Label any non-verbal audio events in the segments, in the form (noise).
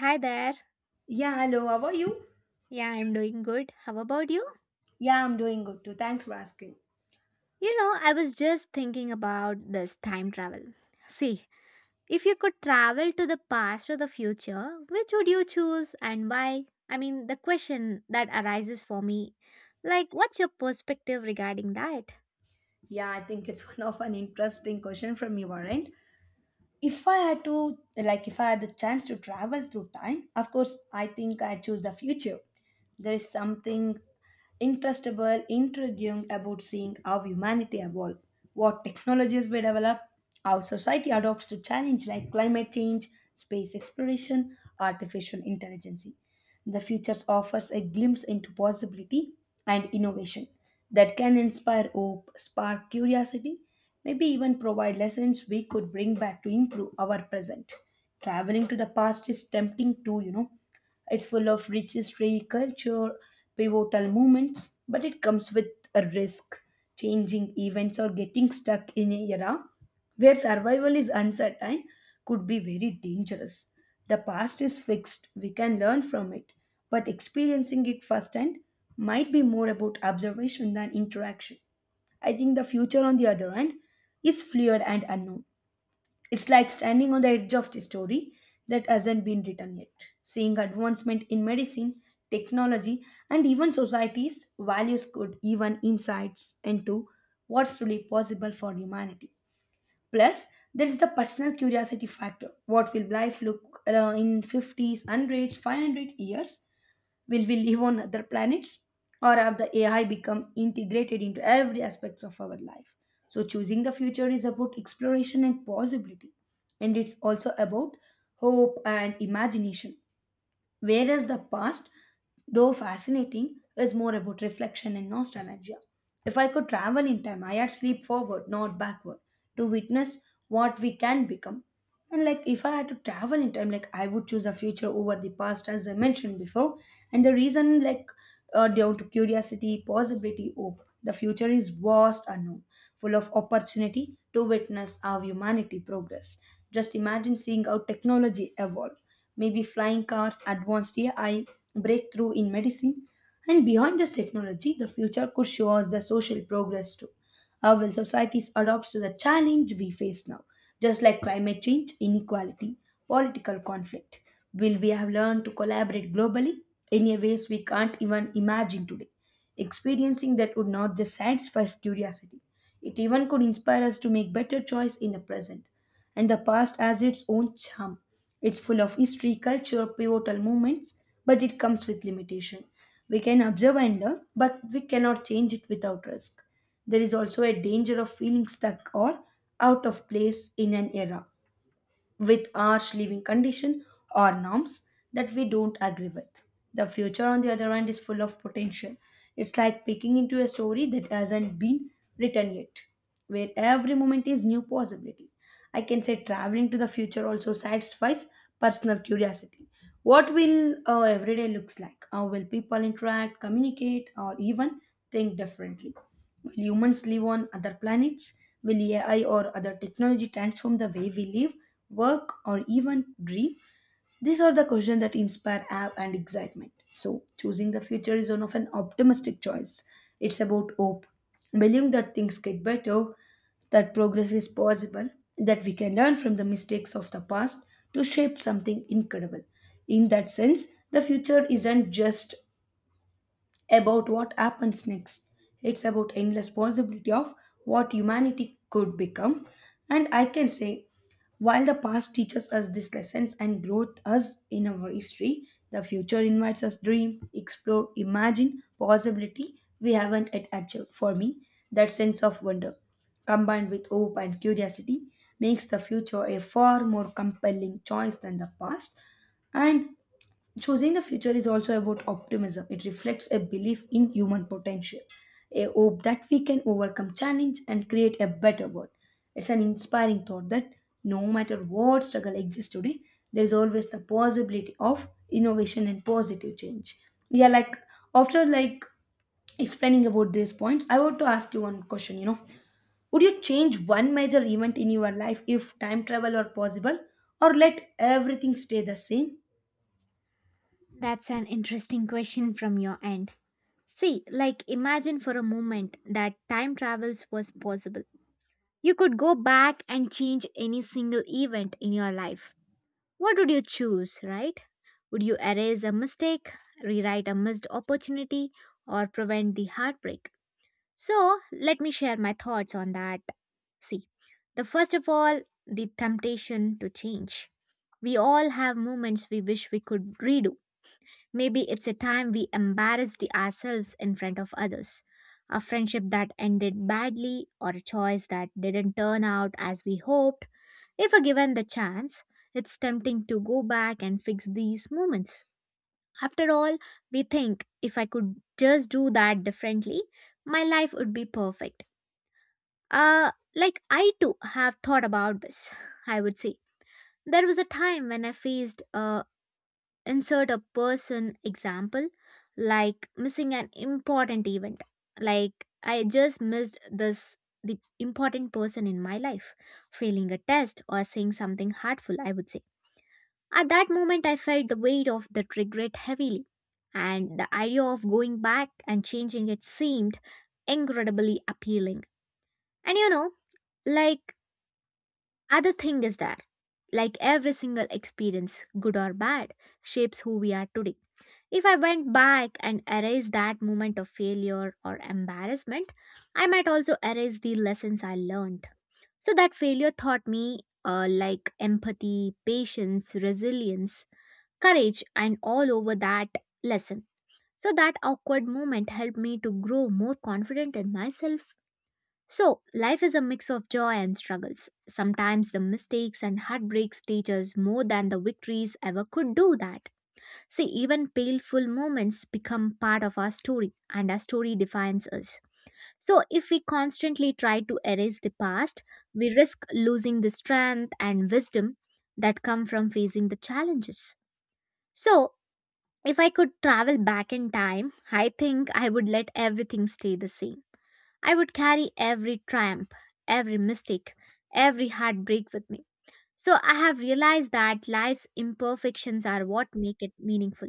Hi there. Yeah, hello, how are you? Yeah, I'm doing good. How about you? Yeah, I'm doing good too. Thanks for asking. You know, I was just thinking about this time travel. See, if you could travel to the past or the future, which would you choose and why? I mean, the question that arises for me, like, what's your perspective regarding that? Yeah, I think it's (laughs) one of an interesting question from you, Warren. If I had to, like, if I had the chance to travel through time, of course, I think I'd choose the future. There is something interestable, intriguing about seeing how humanity evolve, what technologies we develop, how society adopts to challenge like climate change, space exploration, artificial intelligence. The future offers a glimpse into possibility and innovation that can inspire hope, spark curiosity, maybe even provide lessons we could bring back to improve our present. Traveling to the past is tempting too, you know. It's full of rich history, culture, pivotal moments, but it comes with a risk, changing events or getting stuck in an era where survival is uncertain could be very dangerous. The past is fixed, we can learn from it, but experiencing it firsthand might be more about observation than interaction. I think the future, on the other hand, is fluid and unknown. It's like standing on the edge of the story that hasn't been written yet. Seeing advancement in medicine, technology, and even society's values could even insights into what's really possible for humanity. Plus, there is the personal curiosity factor. What will life look in 50s, 100s, 500 years? Will we live on other planets? Or have the AI become integrated into every aspects of our life? So choosing the future is about exploration and possibility. And it's also about hope and imagination. Whereas the past, though fascinating, is more about reflection and nostalgia. If I could travel in time, I'd leap forward, not backward, to witness what we can become. And like if I had to travel in time, like I would choose a future over the past, as I mentioned before. And the reason, like, down to curiosity, possibility, hope. The future is vast unknown, full of opportunity to witness our humanity progress. Just imagine seeing how technology evolve maybe flying cars, advanced AI, breakthrough in medicine. And behind this technology, the future could show us the social progress too. How will societies adapt to the challenge we face now? Just like climate change, inequality, political conflict. Will we have learned to collaborate globally in a ways we can't even imagine today? Experiencing that would not just satisfy curiosity. It even could inspire us to make better choice in the present and the past has its own charm. It's full of history, culture, pivotal moments, but it comes with limitation. We can observe and learn, but we cannot change it without risk. There is also a danger of feeling stuck or out of place in an era with harsh living condition or norms that we don't agree with. The future, on the other hand, is full of potential. It's like picking into a story that hasn't been written yet, where every moment is new possibility. I can say traveling to the future also satisfies personal curiosity, what will our everyday looks like? How will people interact, communicate, or even think differently? Will humans live on other planets? Will AI or other technology transform the way we live, work, or even dream? These are the questions that inspire awe and excitement. So, choosing the future is one of an optimistic choice. It's about hope, believing that things get better, that progress is possible, that we can learn from the mistakes of the past to shape something incredible. In that sense, the future isn't just about what happens next. It's about endless possibility of what humanity could become. And I can say, while the past teaches us these lessons and growth us in our history, the future invites us dream, explore, imagine possibility we haven't yet achieved. For me, that sense of wonder, combined with hope and curiosity, makes the future a far more compelling choice than the past. And Choosing the future is also about optimism. It reflects a belief in human potential, a hope that we can overcome challenge and create a better world. It's an inspiring thought that no matter what struggle exists today, there is always the possibility of innovation and positive change. Yeah, like after like explaining about these points, I want to ask you one question, you know. Would you change one major event in your life if time travel were possible or let everything stay the same? That's an interesting question from your end. See, like, imagine for a moment that time travels was possible. You could go back and change any single event in your life. What would you choose, right? Would you erase a mistake, rewrite a missed opportunity, or prevent the heartbreak? So, let me share my thoughts on that. See, the first of all, the temptation to change. We all have moments we wish we could redo. Maybe it's a time we embarrassed ourselves in front of others, a friendship that ended badly, or a choice that didn't turn out as we hoped. If given the chance, it's tempting to go back and fix these moments. After all, we think if I could just do that differently, my life would be perfect. Like I too have thought about this, I would say. There was a time when I faced a insert a person example, like missing an important event. Like I just missed this the important person in my life, failing a test or saying something hurtful, I would say. At that moment, I felt the weight of that regret heavily, and the idea of going back and changing it seemed incredibly appealing. And you know, like other thing is that, like every single experience, good or bad, shapes who we are today. If I went back and erased that moment of failure or embarrassment, I might also erase the lessons I learned. So that failure taught me like empathy, patience, resilience, courage, and all over that lesson. So, that awkward moment helped me to grow more confident in myself. So, life is a mix of joy and struggles. Sometimes the mistakes and heartbreaks teach us more than the victories ever could do that. See, even painful moments become part of our story, and our story defines us. So, if we constantly try to erase the past, we risk losing the strength and wisdom that come from facing the challenges. So, if I could travel back in time, I think I would let everything stay the same. I would carry every triumph, every mistake, every heartbreak with me. So I have realized that life's imperfections are what make it meaningful.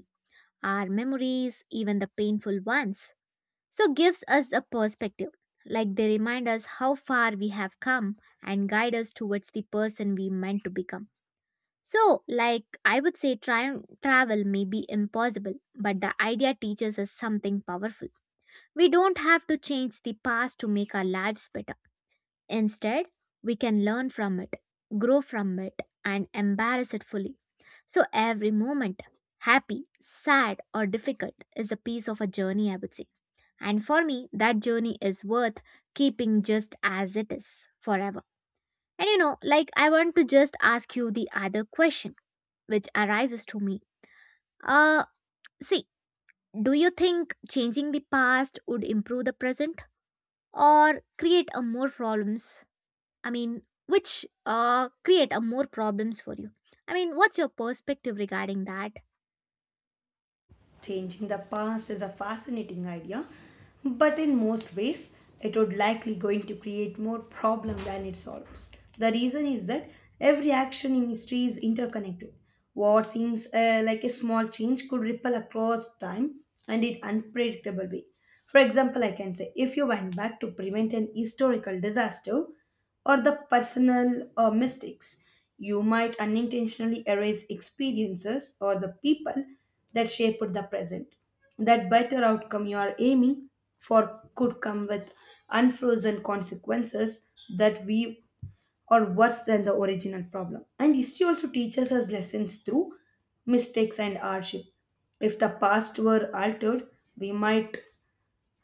Our memories, even the painful ones, so gives us a perspective. Like they remind us how far we have come and guide us towards the person we meant to become. So, like I would say, travel may be impossible, but the idea teaches us something powerful. We don't have to change the past to make our lives better. Instead, we can learn from it, grow from it, and embrace it fully. So, every moment, happy, sad, or difficult, is a piece of a journey, I would say. And for me, that journey is worth keeping just as it is forever. And you know, like I want to just ask you the other question which arises to me. Uh, See, do you think changing the past would improve the present or create a more problems? I mean, which create a more problems for you? I mean, what's your perspective regarding that? Changing the past is a fascinating idea, but in most ways, it would likely going to create more problem than it solves. The reason is that every action in history is interconnected. What seems like a small change could ripple across time and in unpredictable way. For example, I can say if you went back to prevent an historical disaster, or the personal mistakes. You might unintentionally erase experiences or the people that shaped the present. That better outcome you are aiming for could come with unfrozen consequences that we are worse than the original problem. And history also teaches us lessons through mistakes and hardship. If the past were altered, we might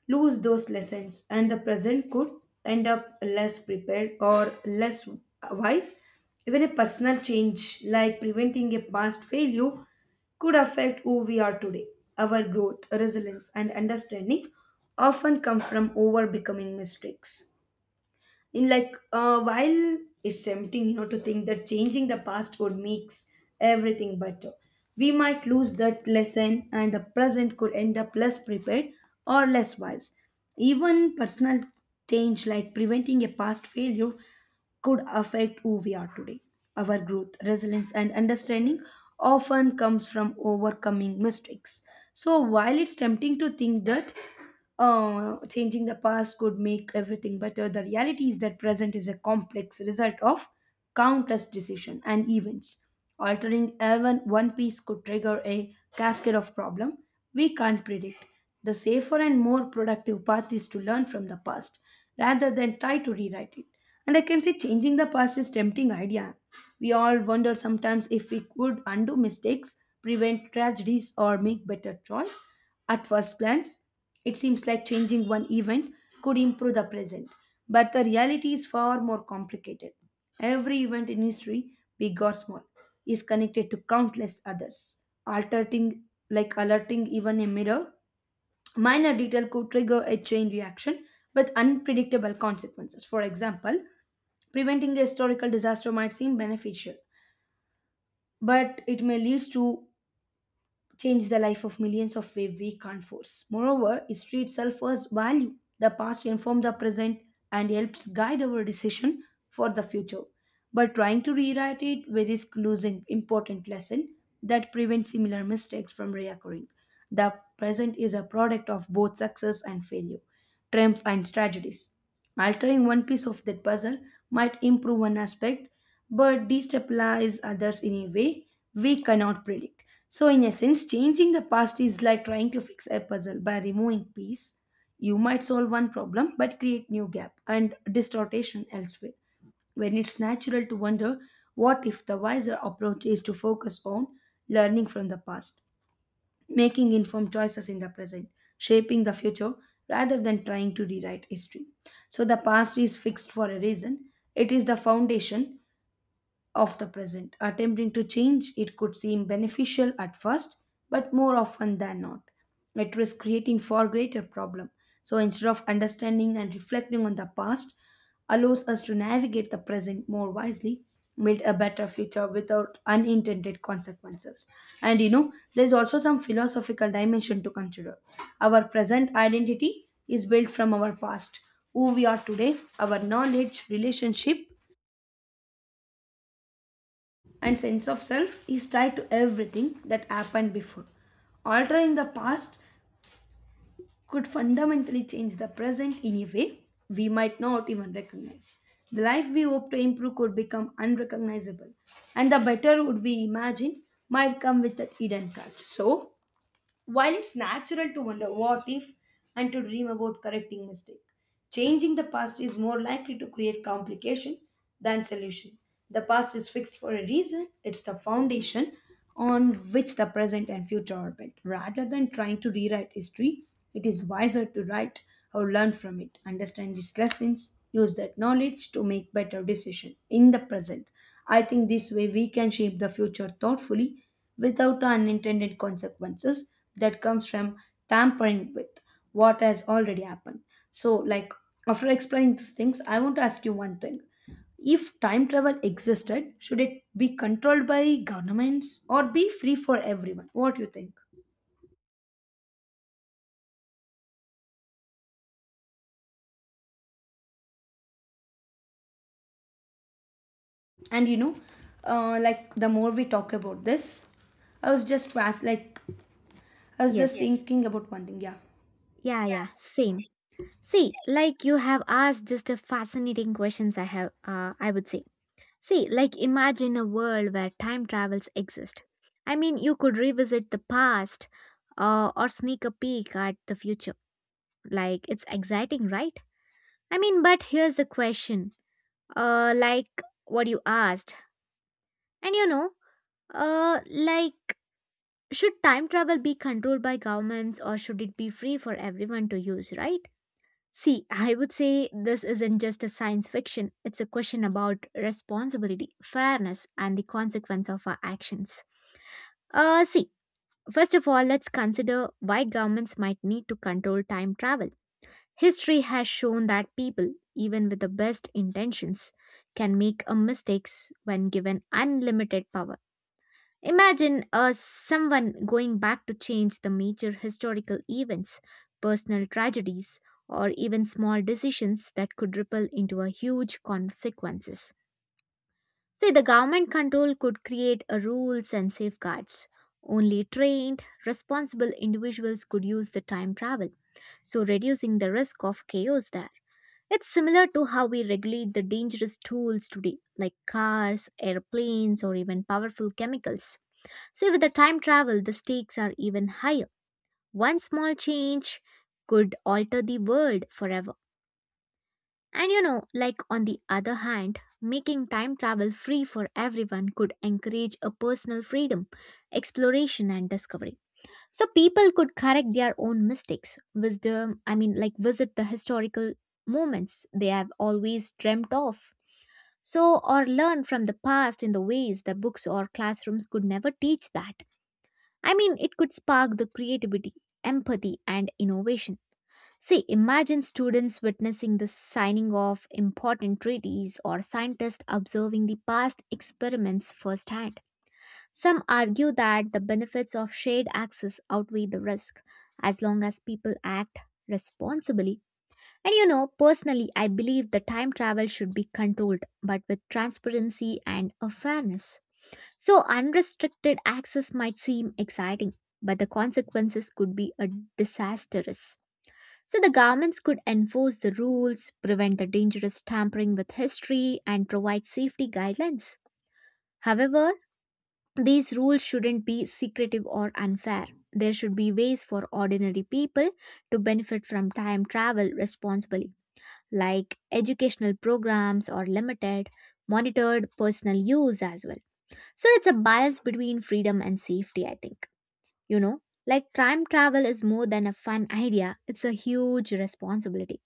lose those lessons, and the present could end up less prepared or less wise. Even a personal change, like preventing a past failure, could affect who we are today. Our growth, resilience, and understanding often come from over becoming mistakes in like while it's tempting you know to think that changing the past would makes everything better, we might lose that lesson and the present could end up less prepared or less wise, even personal change like preventing a past failure could affect who we are today. Our growth, resilience, and understanding often comes from overcoming mistakes. So, while it's tempting to think that changing the past could make everything better. The reality is that present is a complex result of countless decisions and events. Altering even one piece could trigger a cascade of problem we can't predict. The safer and more productive path is to learn from the past rather than try to rewrite it. And I can say changing the past is tempting idea. We all wonder sometimes if we could undo mistakes, prevent tragedies, or make better choice. At first glance, it seems like changing one event could improve the present, but the reality is far more complicated. Every event in history, big or small, is connected to countless others. Altering, like alerting even a mirror. Minor detail could trigger a chain reaction with unpredictable consequences. For example, preventing a historical disaster might seem beneficial, but it may lead to change the life of millions of way we can't force. Moreover, history itself has value. The past informs the present and helps guide our decision for the future. But trying to rewrite it, we risk losing important lesson that prevent similar mistakes from reoccurring. The present is a product of both success and failure, triumph and tragedies. Altering one piece of that puzzle might improve one aspect but destabilize others in a way we cannot predict. So, in essence, changing the past is like trying to fix a puzzle by removing piece. You might solve one problem but create new gap and distortion elsewhere. When it's natural to wonder what if, the wiser approach is to focus on learning from the past, making informed choices in the present, shaping the future rather than trying to rewrite history. So the past is fixed for a reason. It is the foundation of the present. Attempting to change it could seem beneficial at first, but more often than not, it risks creating far greater problem. So instead of understanding and reflecting on the past, allows us to navigate the present more wisely, build a better future without unintended consequences. And you know, there's also some philosophical dimension to consider. Our present identity is built from our past, who we are today, our knowledge, relationship, and sense of self is tied to everything that happened before. Altering the past could fundamentally change the present in a way we might not even recognize. The life we hope to improve could become unrecognizable, and the better would we imagine might come with that hidden cost. So, while it's natural to wonder what if and to dream about correcting mistake, changing the past is more likely to create complication than solution. The past is fixed for a reason. It's the foundation on which the present and future are built. Rather than trying to rewrite history, it is wiser to write or learn from it, understand its lessons, use that knowledge to make better decisions in the present. I think this way we can shape the future thoughtfully without the unintended consequences that comes from tampering with what has already happened. so like after explaining these things, I want to ask you one thing. If time travel existed, should it be controlled by governments or be free for everyone? What do you think? And you know like the more we talk about this, i was just fast like I was just Yes. Yes. thinking about one thing yeah Yeah, yeah, same. See, like you have asked just a fascinating questions I have I would say. See, like imagine a world where time travels exist. I mean, you could revisit the past or sneak a peek at the future. Like, it's exciting, right? I mean, but here's the question. Like what you asked. And you know, like, should time travel be controlled by governments or should it be free for everyone to use, right? See, (laughs) I would say this isn't just a science fiction. It's a question about responsibility, fairness, and the consequence of our actions. See, first of all, let's consider why governments might need to control time travel. History has shown that people, even with the best intentions, can make a mistakes when given unlimited power. Imagine someone going back to change the major historical events, personal tragedies, or even small decisions that could ripple into a huge consequences. See, the government control could create a rules and safeguards. Only trained, responsible individuals could use the time travel, so reducing the risk of chaos there. It's similar to how we regulate the dangerous tools today, like cars, airplanes, or even powerful chemicals. See, with the time travel, the stakes are even higher. One small change could alter the world forever. And you know, like on the other hand, making time travel free for everyone could encourage a personal freedom, exploration, and discovery. So people could correct their own mistakes, wisdom, I mean, like visit the historical moments they have always dreamt of. So, or learn from the past in the ways the books or classrooms could never teach that. I mean, it could spark the creativity, empathy, and innovation. See, imagine students witnessing the signing of important treaties or scientists observing the past experiments firsthand. Some argue that the benefits of shared access outweigh the risk as long as people act responsibly. And you know, personally, I believe the time travel should be controlled but with transparency and a fairness. So, unrestricted access might seem exciting, but the consequences could be a disastrous. So, the governments could enforce the rules, prevent the dangerous tampering with history, and provide safety guidelines. However, these rules shouldn't be secretive or unfair. There should be ways for ordinary people to benefit from time travel responsibly, like educational programs or limited, monitored personal use as well. So it's a balance between freedom and safety, I think. You know, like time travel is more than a fun idea, it's a huge responsibility.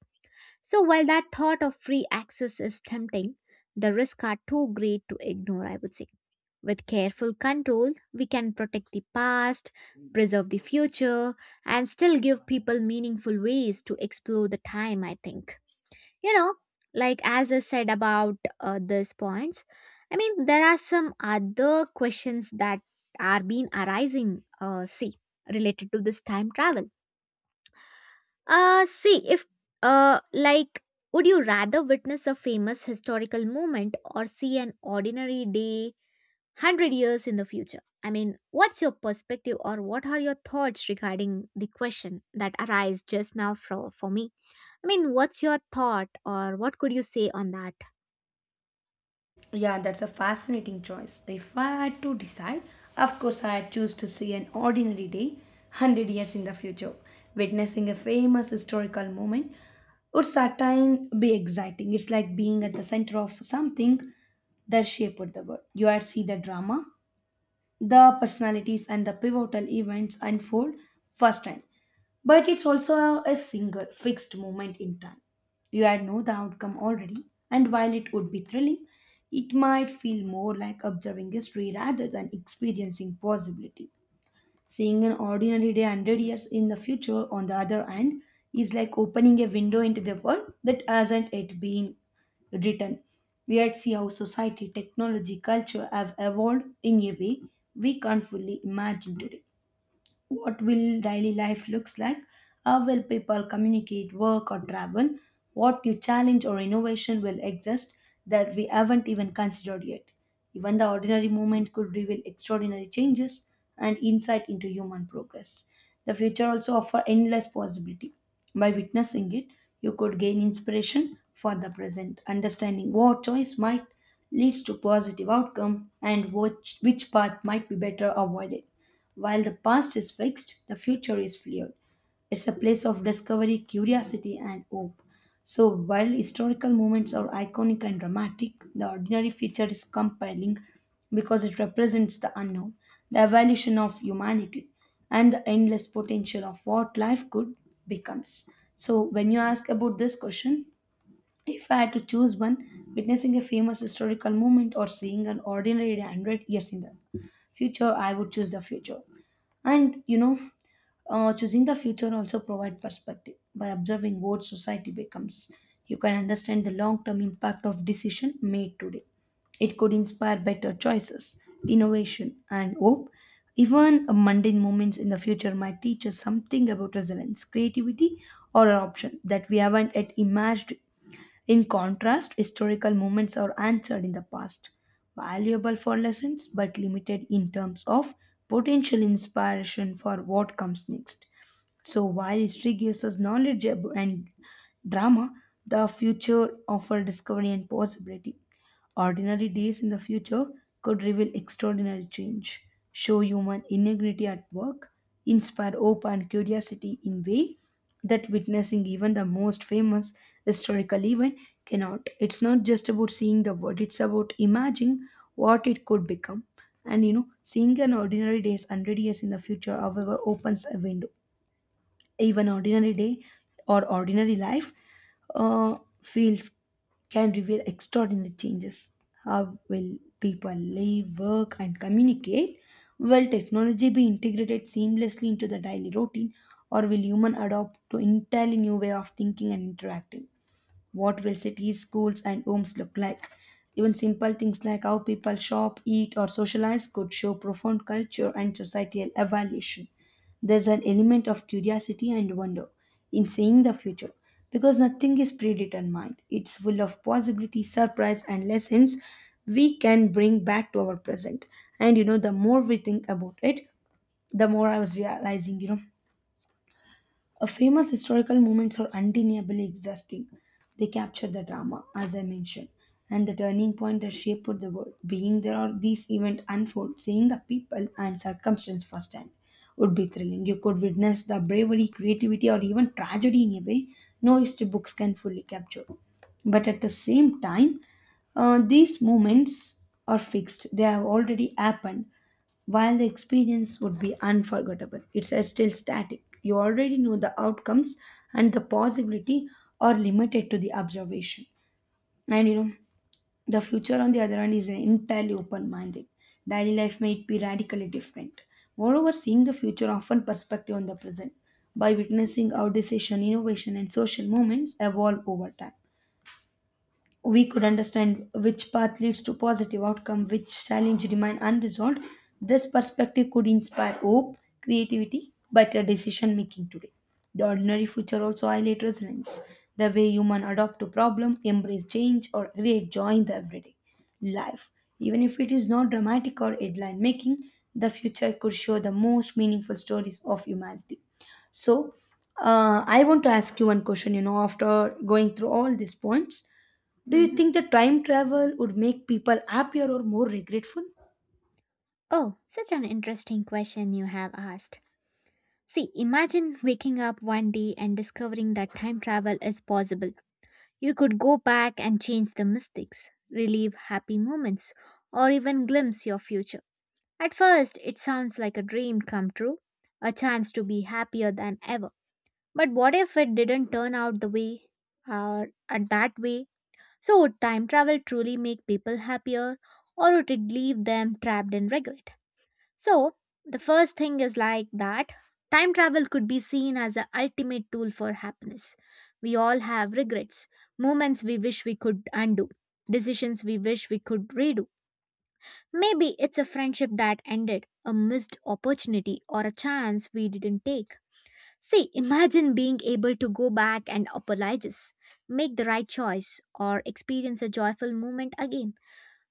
So while that thought of free access is tempting, the risks are too great to ignore, I would say. With careful control, we can protect the past, preserve the future, and still give people meaningful ways to explore the time, I think. You know, like as I said about these points, I mean, there are some other questions that are being arising, see, related to this time travel. See, if, like, would you rather witness a famous historical moment or see an ordinary day 100 years in the future? I mean, what's your perspective or what are your thoughts regarding the question that arise just now for me? I mean, what's your thought or what could you say on that? Yeah, that's a fascinating choice. If I had to decide, of course, I'd choose to see an ordinary day 100 years in the future. Witnessing a famous historical moment would certainly be exciting. It's like being at the center of something that shaped the world. You had see the drama, the personalities and the pivotal events unfold firsthand. But it's also a single, fixed moment in time. You had know the outcome already, and while it would be thrilling, it might feel more like observing history rather than experiencing possibility. Seeing an ordinary day 100 years in the future, on the other hand, is like opening a window into the world that hasn't yet been written. We yet see how society, technology, culture have evolved in a way we can't fully imagine today. What will daily life looks like? How will people communicate, work, or travel? What new challenge or innovation will exist that we haven't even considered yet? Even the ordinary moment could reveal extraordinary changes and insight into human progress. The future also offers endless possibility. By witnessing it, you could gain inspiration for the present, understanding what choice might leads to positive outcome and which path might be better avoided. While the past is fixed, the future is fluid. It's a place of discovery, curiosity, and hope. So, while historical moments are iconic and dramatic, the ordinary feature is compelling because it represents the unknown, the evolution of humanity, and the endless potential of what life could becomes. So, when you ask about this question, if I had to choose one, witnessing a famous historical moment or seeing an ordinary 100 years in the future, I would choose the future. and you know, Choosing the future also provide perspective. By observing what society becomes, you can understand the long-term impact of decision made today. It could inspire better choices, innovation, and hope. Even mundane moments in the future might teach us something about resilience, creativity, or an option that we haven't yet imagined. In contrast, historical moments are answered in the past, valuable for lessons but limited in terms of potential inspiration for what comes next. So, while history gives us knowledge and drama, the future offers discovery and possibility. Ordinary days in the future could reveal extraordinary change, show human integrity at work, inspire hope and curiosity in way that witnessing even the most famous historical event cannot. It's not just about seeing the world, it's about imagining what it could become. And you know, seeing an ordinary days 100 years in the future, however, opens a window. Even ordinary day or ordinary life feels can reveal extraordinary changes. How will people live, work, and communicate? Will technology be integrated seamlessly into the daily routine, or will human adopt to entirely new way of thinking and interacting? What will cities, schools, and homes look like? Even simple things like how people shop, eat, or socialize could show profound culture and societal evolution. There's an element of curiosity and wonder in seeing the future because nothing is predetermined. It's full of possibility, surprise, and lessons we can bring back to our present. And you know, the more we think about it, the more I was realizing, you know, a famous historical moments are undeniably exhausting. They capture the drama, as I mentioned, and the turning point that shaped the world. Being there or these events unfold, seeing the people and circumstance firsthand would be thrilling. You could witness the bravery, creativity, or even tragedy in a way no history books can fully capture. But at the same time, these moments are fixed. They have already happened, while the experience would be unforgettable, it's still static. You already know the outcomes and the possibility are limited to the observation. And you know, the future on the other hand is entirely open-minded. Daily life might be radically different. Moreover, seeing the future often perspective on the present. By witnessing how decision, innovation and social movements evolve over time, we could understand which path leads to positive outcome, which challenge remain unresolved. This perspective could inspire hope, creativity, better decision making today. The ordinary future also highlight resilience, the way human adapt to problem, embrace change or create joy in the everyday life. Even if it is not dramatic or headline making, the future could show the most meaningful stories of humanity. So, I want to ask you one question, you know, after going through all these points, do you Hmm? think the time travel would make people happier or more regretful? Oh, such an interesting question you have asked. See, imagine waking up one day and discovering that time travel is possible. You could go back and change the mistakes, relive happy moments, or even glimpse your future. At first, it sounds like a dream come true, a chance to be happier than ever. But what if it didn't turn out the way or at that way? So, would time travel truly make people happier or would it leave them trapped in regret? So, the first thing is like that time travel could be seen as the ultimate tool for happiness. We all have regrets, moments we wish we could undo, decisions we wish we could redo. Maybe it's a friendship that ended, a missed opportunity, or a chance we didn't take. See, imagine being able to go back and apologize, make the right choice, or experience a joyful moment again.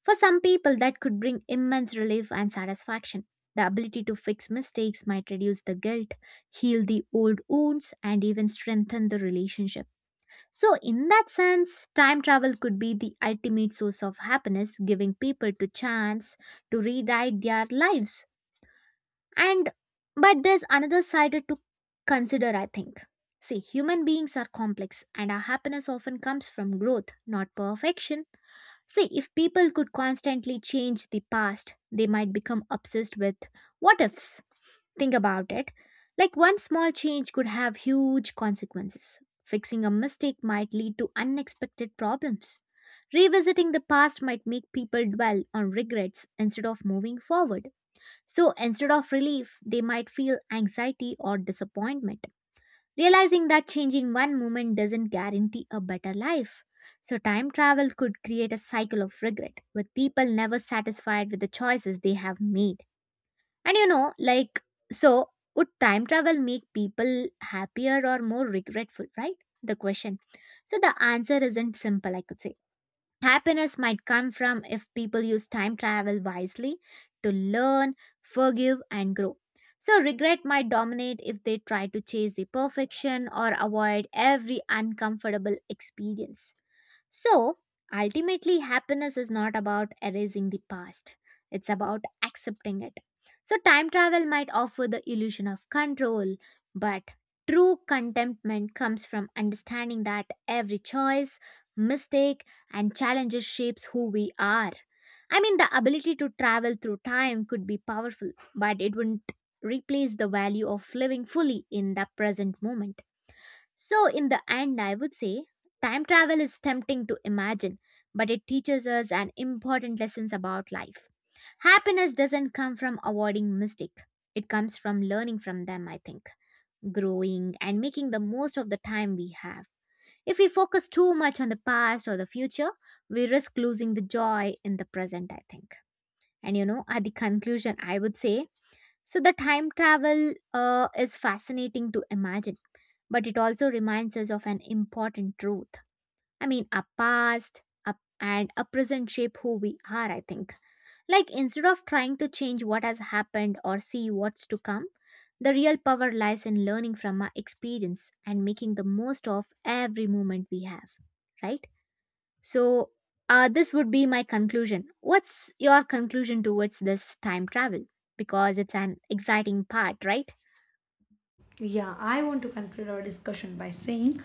For some people, that could bring immense relief and satisfaction. The ability to fix mistakes might reduce the guilt, heal the old wounds, and even strengthen the relationship. So, in that sense, time travel could be the ultimate source of happiness, giving people the chance to rewrite their lives. And but there's another side to consider, I think. See, human beings are complex, and our happiness often comes from growth, not perfection. See, if people could constantly change the past, they might become obsessed with what ifs. Think about it. Like one small change could have huge consequences. Fixing a mistake might lead to unexpected problems. Revisiting the past might make people dwell on regrets instead of moving forward. So instead of relief, they might feel anxiety or disappointment. Realizing that changing one moment doesn't guarantee a better life. So time travel could create a cycle of regret, with people never satisfied with the choices they have made. And you know, like, so would time travel make people happier or more regretful, right? The question. So the answer isn't simple, I could say. Happiness might come from if people use time travel wisely to learn, forgive, and grow. So regret might dominate if they try to chase the perfection or avoid every uncomfortable experience. So, ultimately, happiness is not about erasing the past, it's about accepting it. So, time travel might offer the illusion of control, but true contentment comes from understanding that every choice, mistake, and challenges shapes who we are. I mean, the ability to travel through time could be powerful, but it wouldn't replace the value of living fully in the present moment. So, in the end, I would say time travel is tempting to imagine, but it teaches us an important lessons about life. Happiness doesn't come from avoiding mistake. It comes from learning from them, I think, growing and making the most of the time we have. If we focus too much on the past or the future, we risk losing the joy in the present, I think. And you know, at the conclusion, I would say so the time travel is fascinating to imagine but it also reminds us of an important truth. I mean, a past and a present shape who we are, I think. Like, instead of trying to change what has happened or see what's to come, the real power lies in learning from our experience and making the most of every moment we have, right? So, this would be my conclusion. What's your conclusion towards this time travel? Because it's an exciting part, right? Yeah, I want to conclude our discussion by saying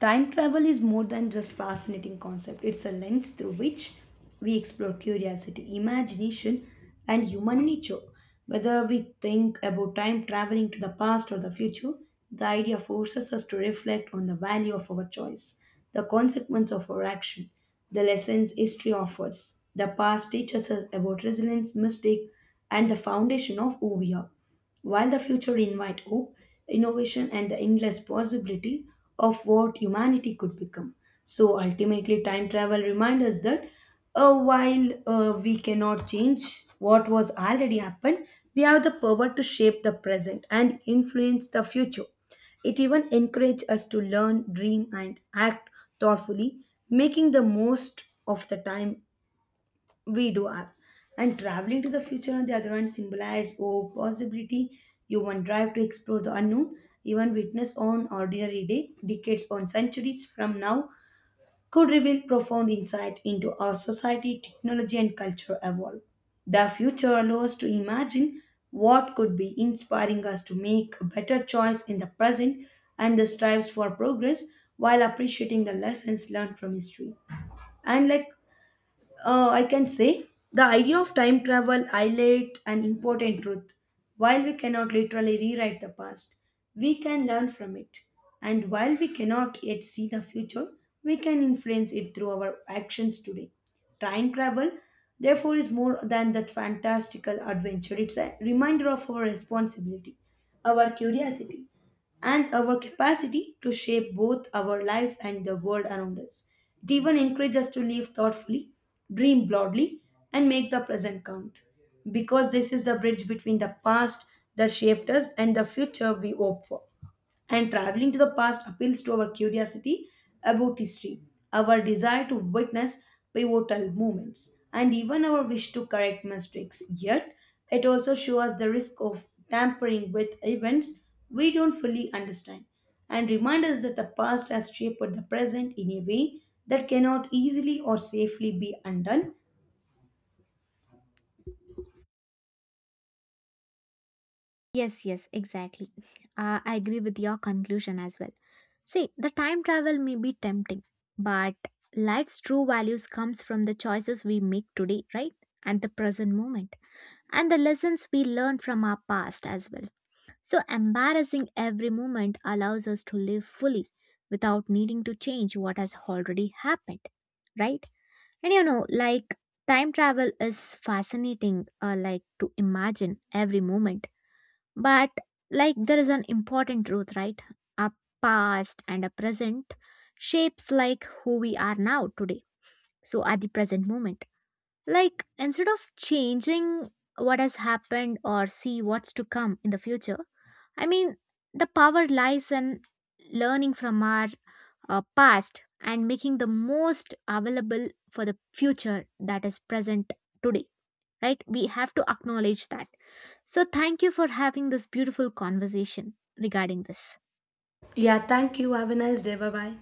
time travel is more than just fascinating concept. It's a lens through which we explore curiosity, imagination and human nature. Whether we think about time traveling to the past or the future, the idea forces us to reflect on the value of our choice, the consequence of our action, the lessons history offers. The past teaches us about resilience, mistake and the foundation of who we are. While the future invite hope, innovation, and the endless possibility of what humanity could become. So ultimately, time travel reminds us that while we cannot change what was already happened, we have the power to shape the present and influence the future. It even encourages us to learn, dream, and act thoughtfully, making the most of the time we do. And traveling to the future, on the other hand, symbolize hope, possibility, human drive to explore the unknown. Even witness on ordinary day, decades on centuries from now, could reveal profound insight into our society, technology, and culture evolve. The future allows us to imagine what could be, inspiring us to make a better choice in the present and the strives for progress while appreciating the lessons learned from history. And like I can say the idea of time travel highlight an important truth. While we cannot literally rewrite the past, we can learn from it. And while we cannot yet see the future, we can influence it through our actions today. Time travel, therefore, is more than that fantastical adventure. It's a reminder of our responsibility, our curiosity, and our capacity to shape both our lives and the world around us. It even encourages us to live thoughtfully, dream broadly, and make the present count. Because this is the bridge between the past that shaped us and the future we hope for. And traveling to the past appeals to our curiosity about history, our desire to witness pivotal moments, and even our wish to correct mistakes. Yet, it also shows us the risk of tampering with events we don't fully understand and remind us that the past has shaped the present in a way that cannot easily or safely be undone. Yes, yes, exactly. I agree with your conclusion as well. See, the time travel may be tempting, but life's true values comes from the choices we make today, right? And the present moment and the lessons we learn from our past as well. So embarrassing every moment allows us to live fully without needing to change what has already happened, right? And you know, like time travel is fascinating like to imagine every moment but like there is an important truth, right? Our past and our present shapes like who we are now today. So at the present moment, like instead of changing what has happened or see what's to come in the future, I mean the power lies in learning from our past and making the most available for the future that is present today, right? We have to acknowledge that so, thank you for having this beautiful conversation regarding this. Yeah, thank you. Have a nice day. Bye bye.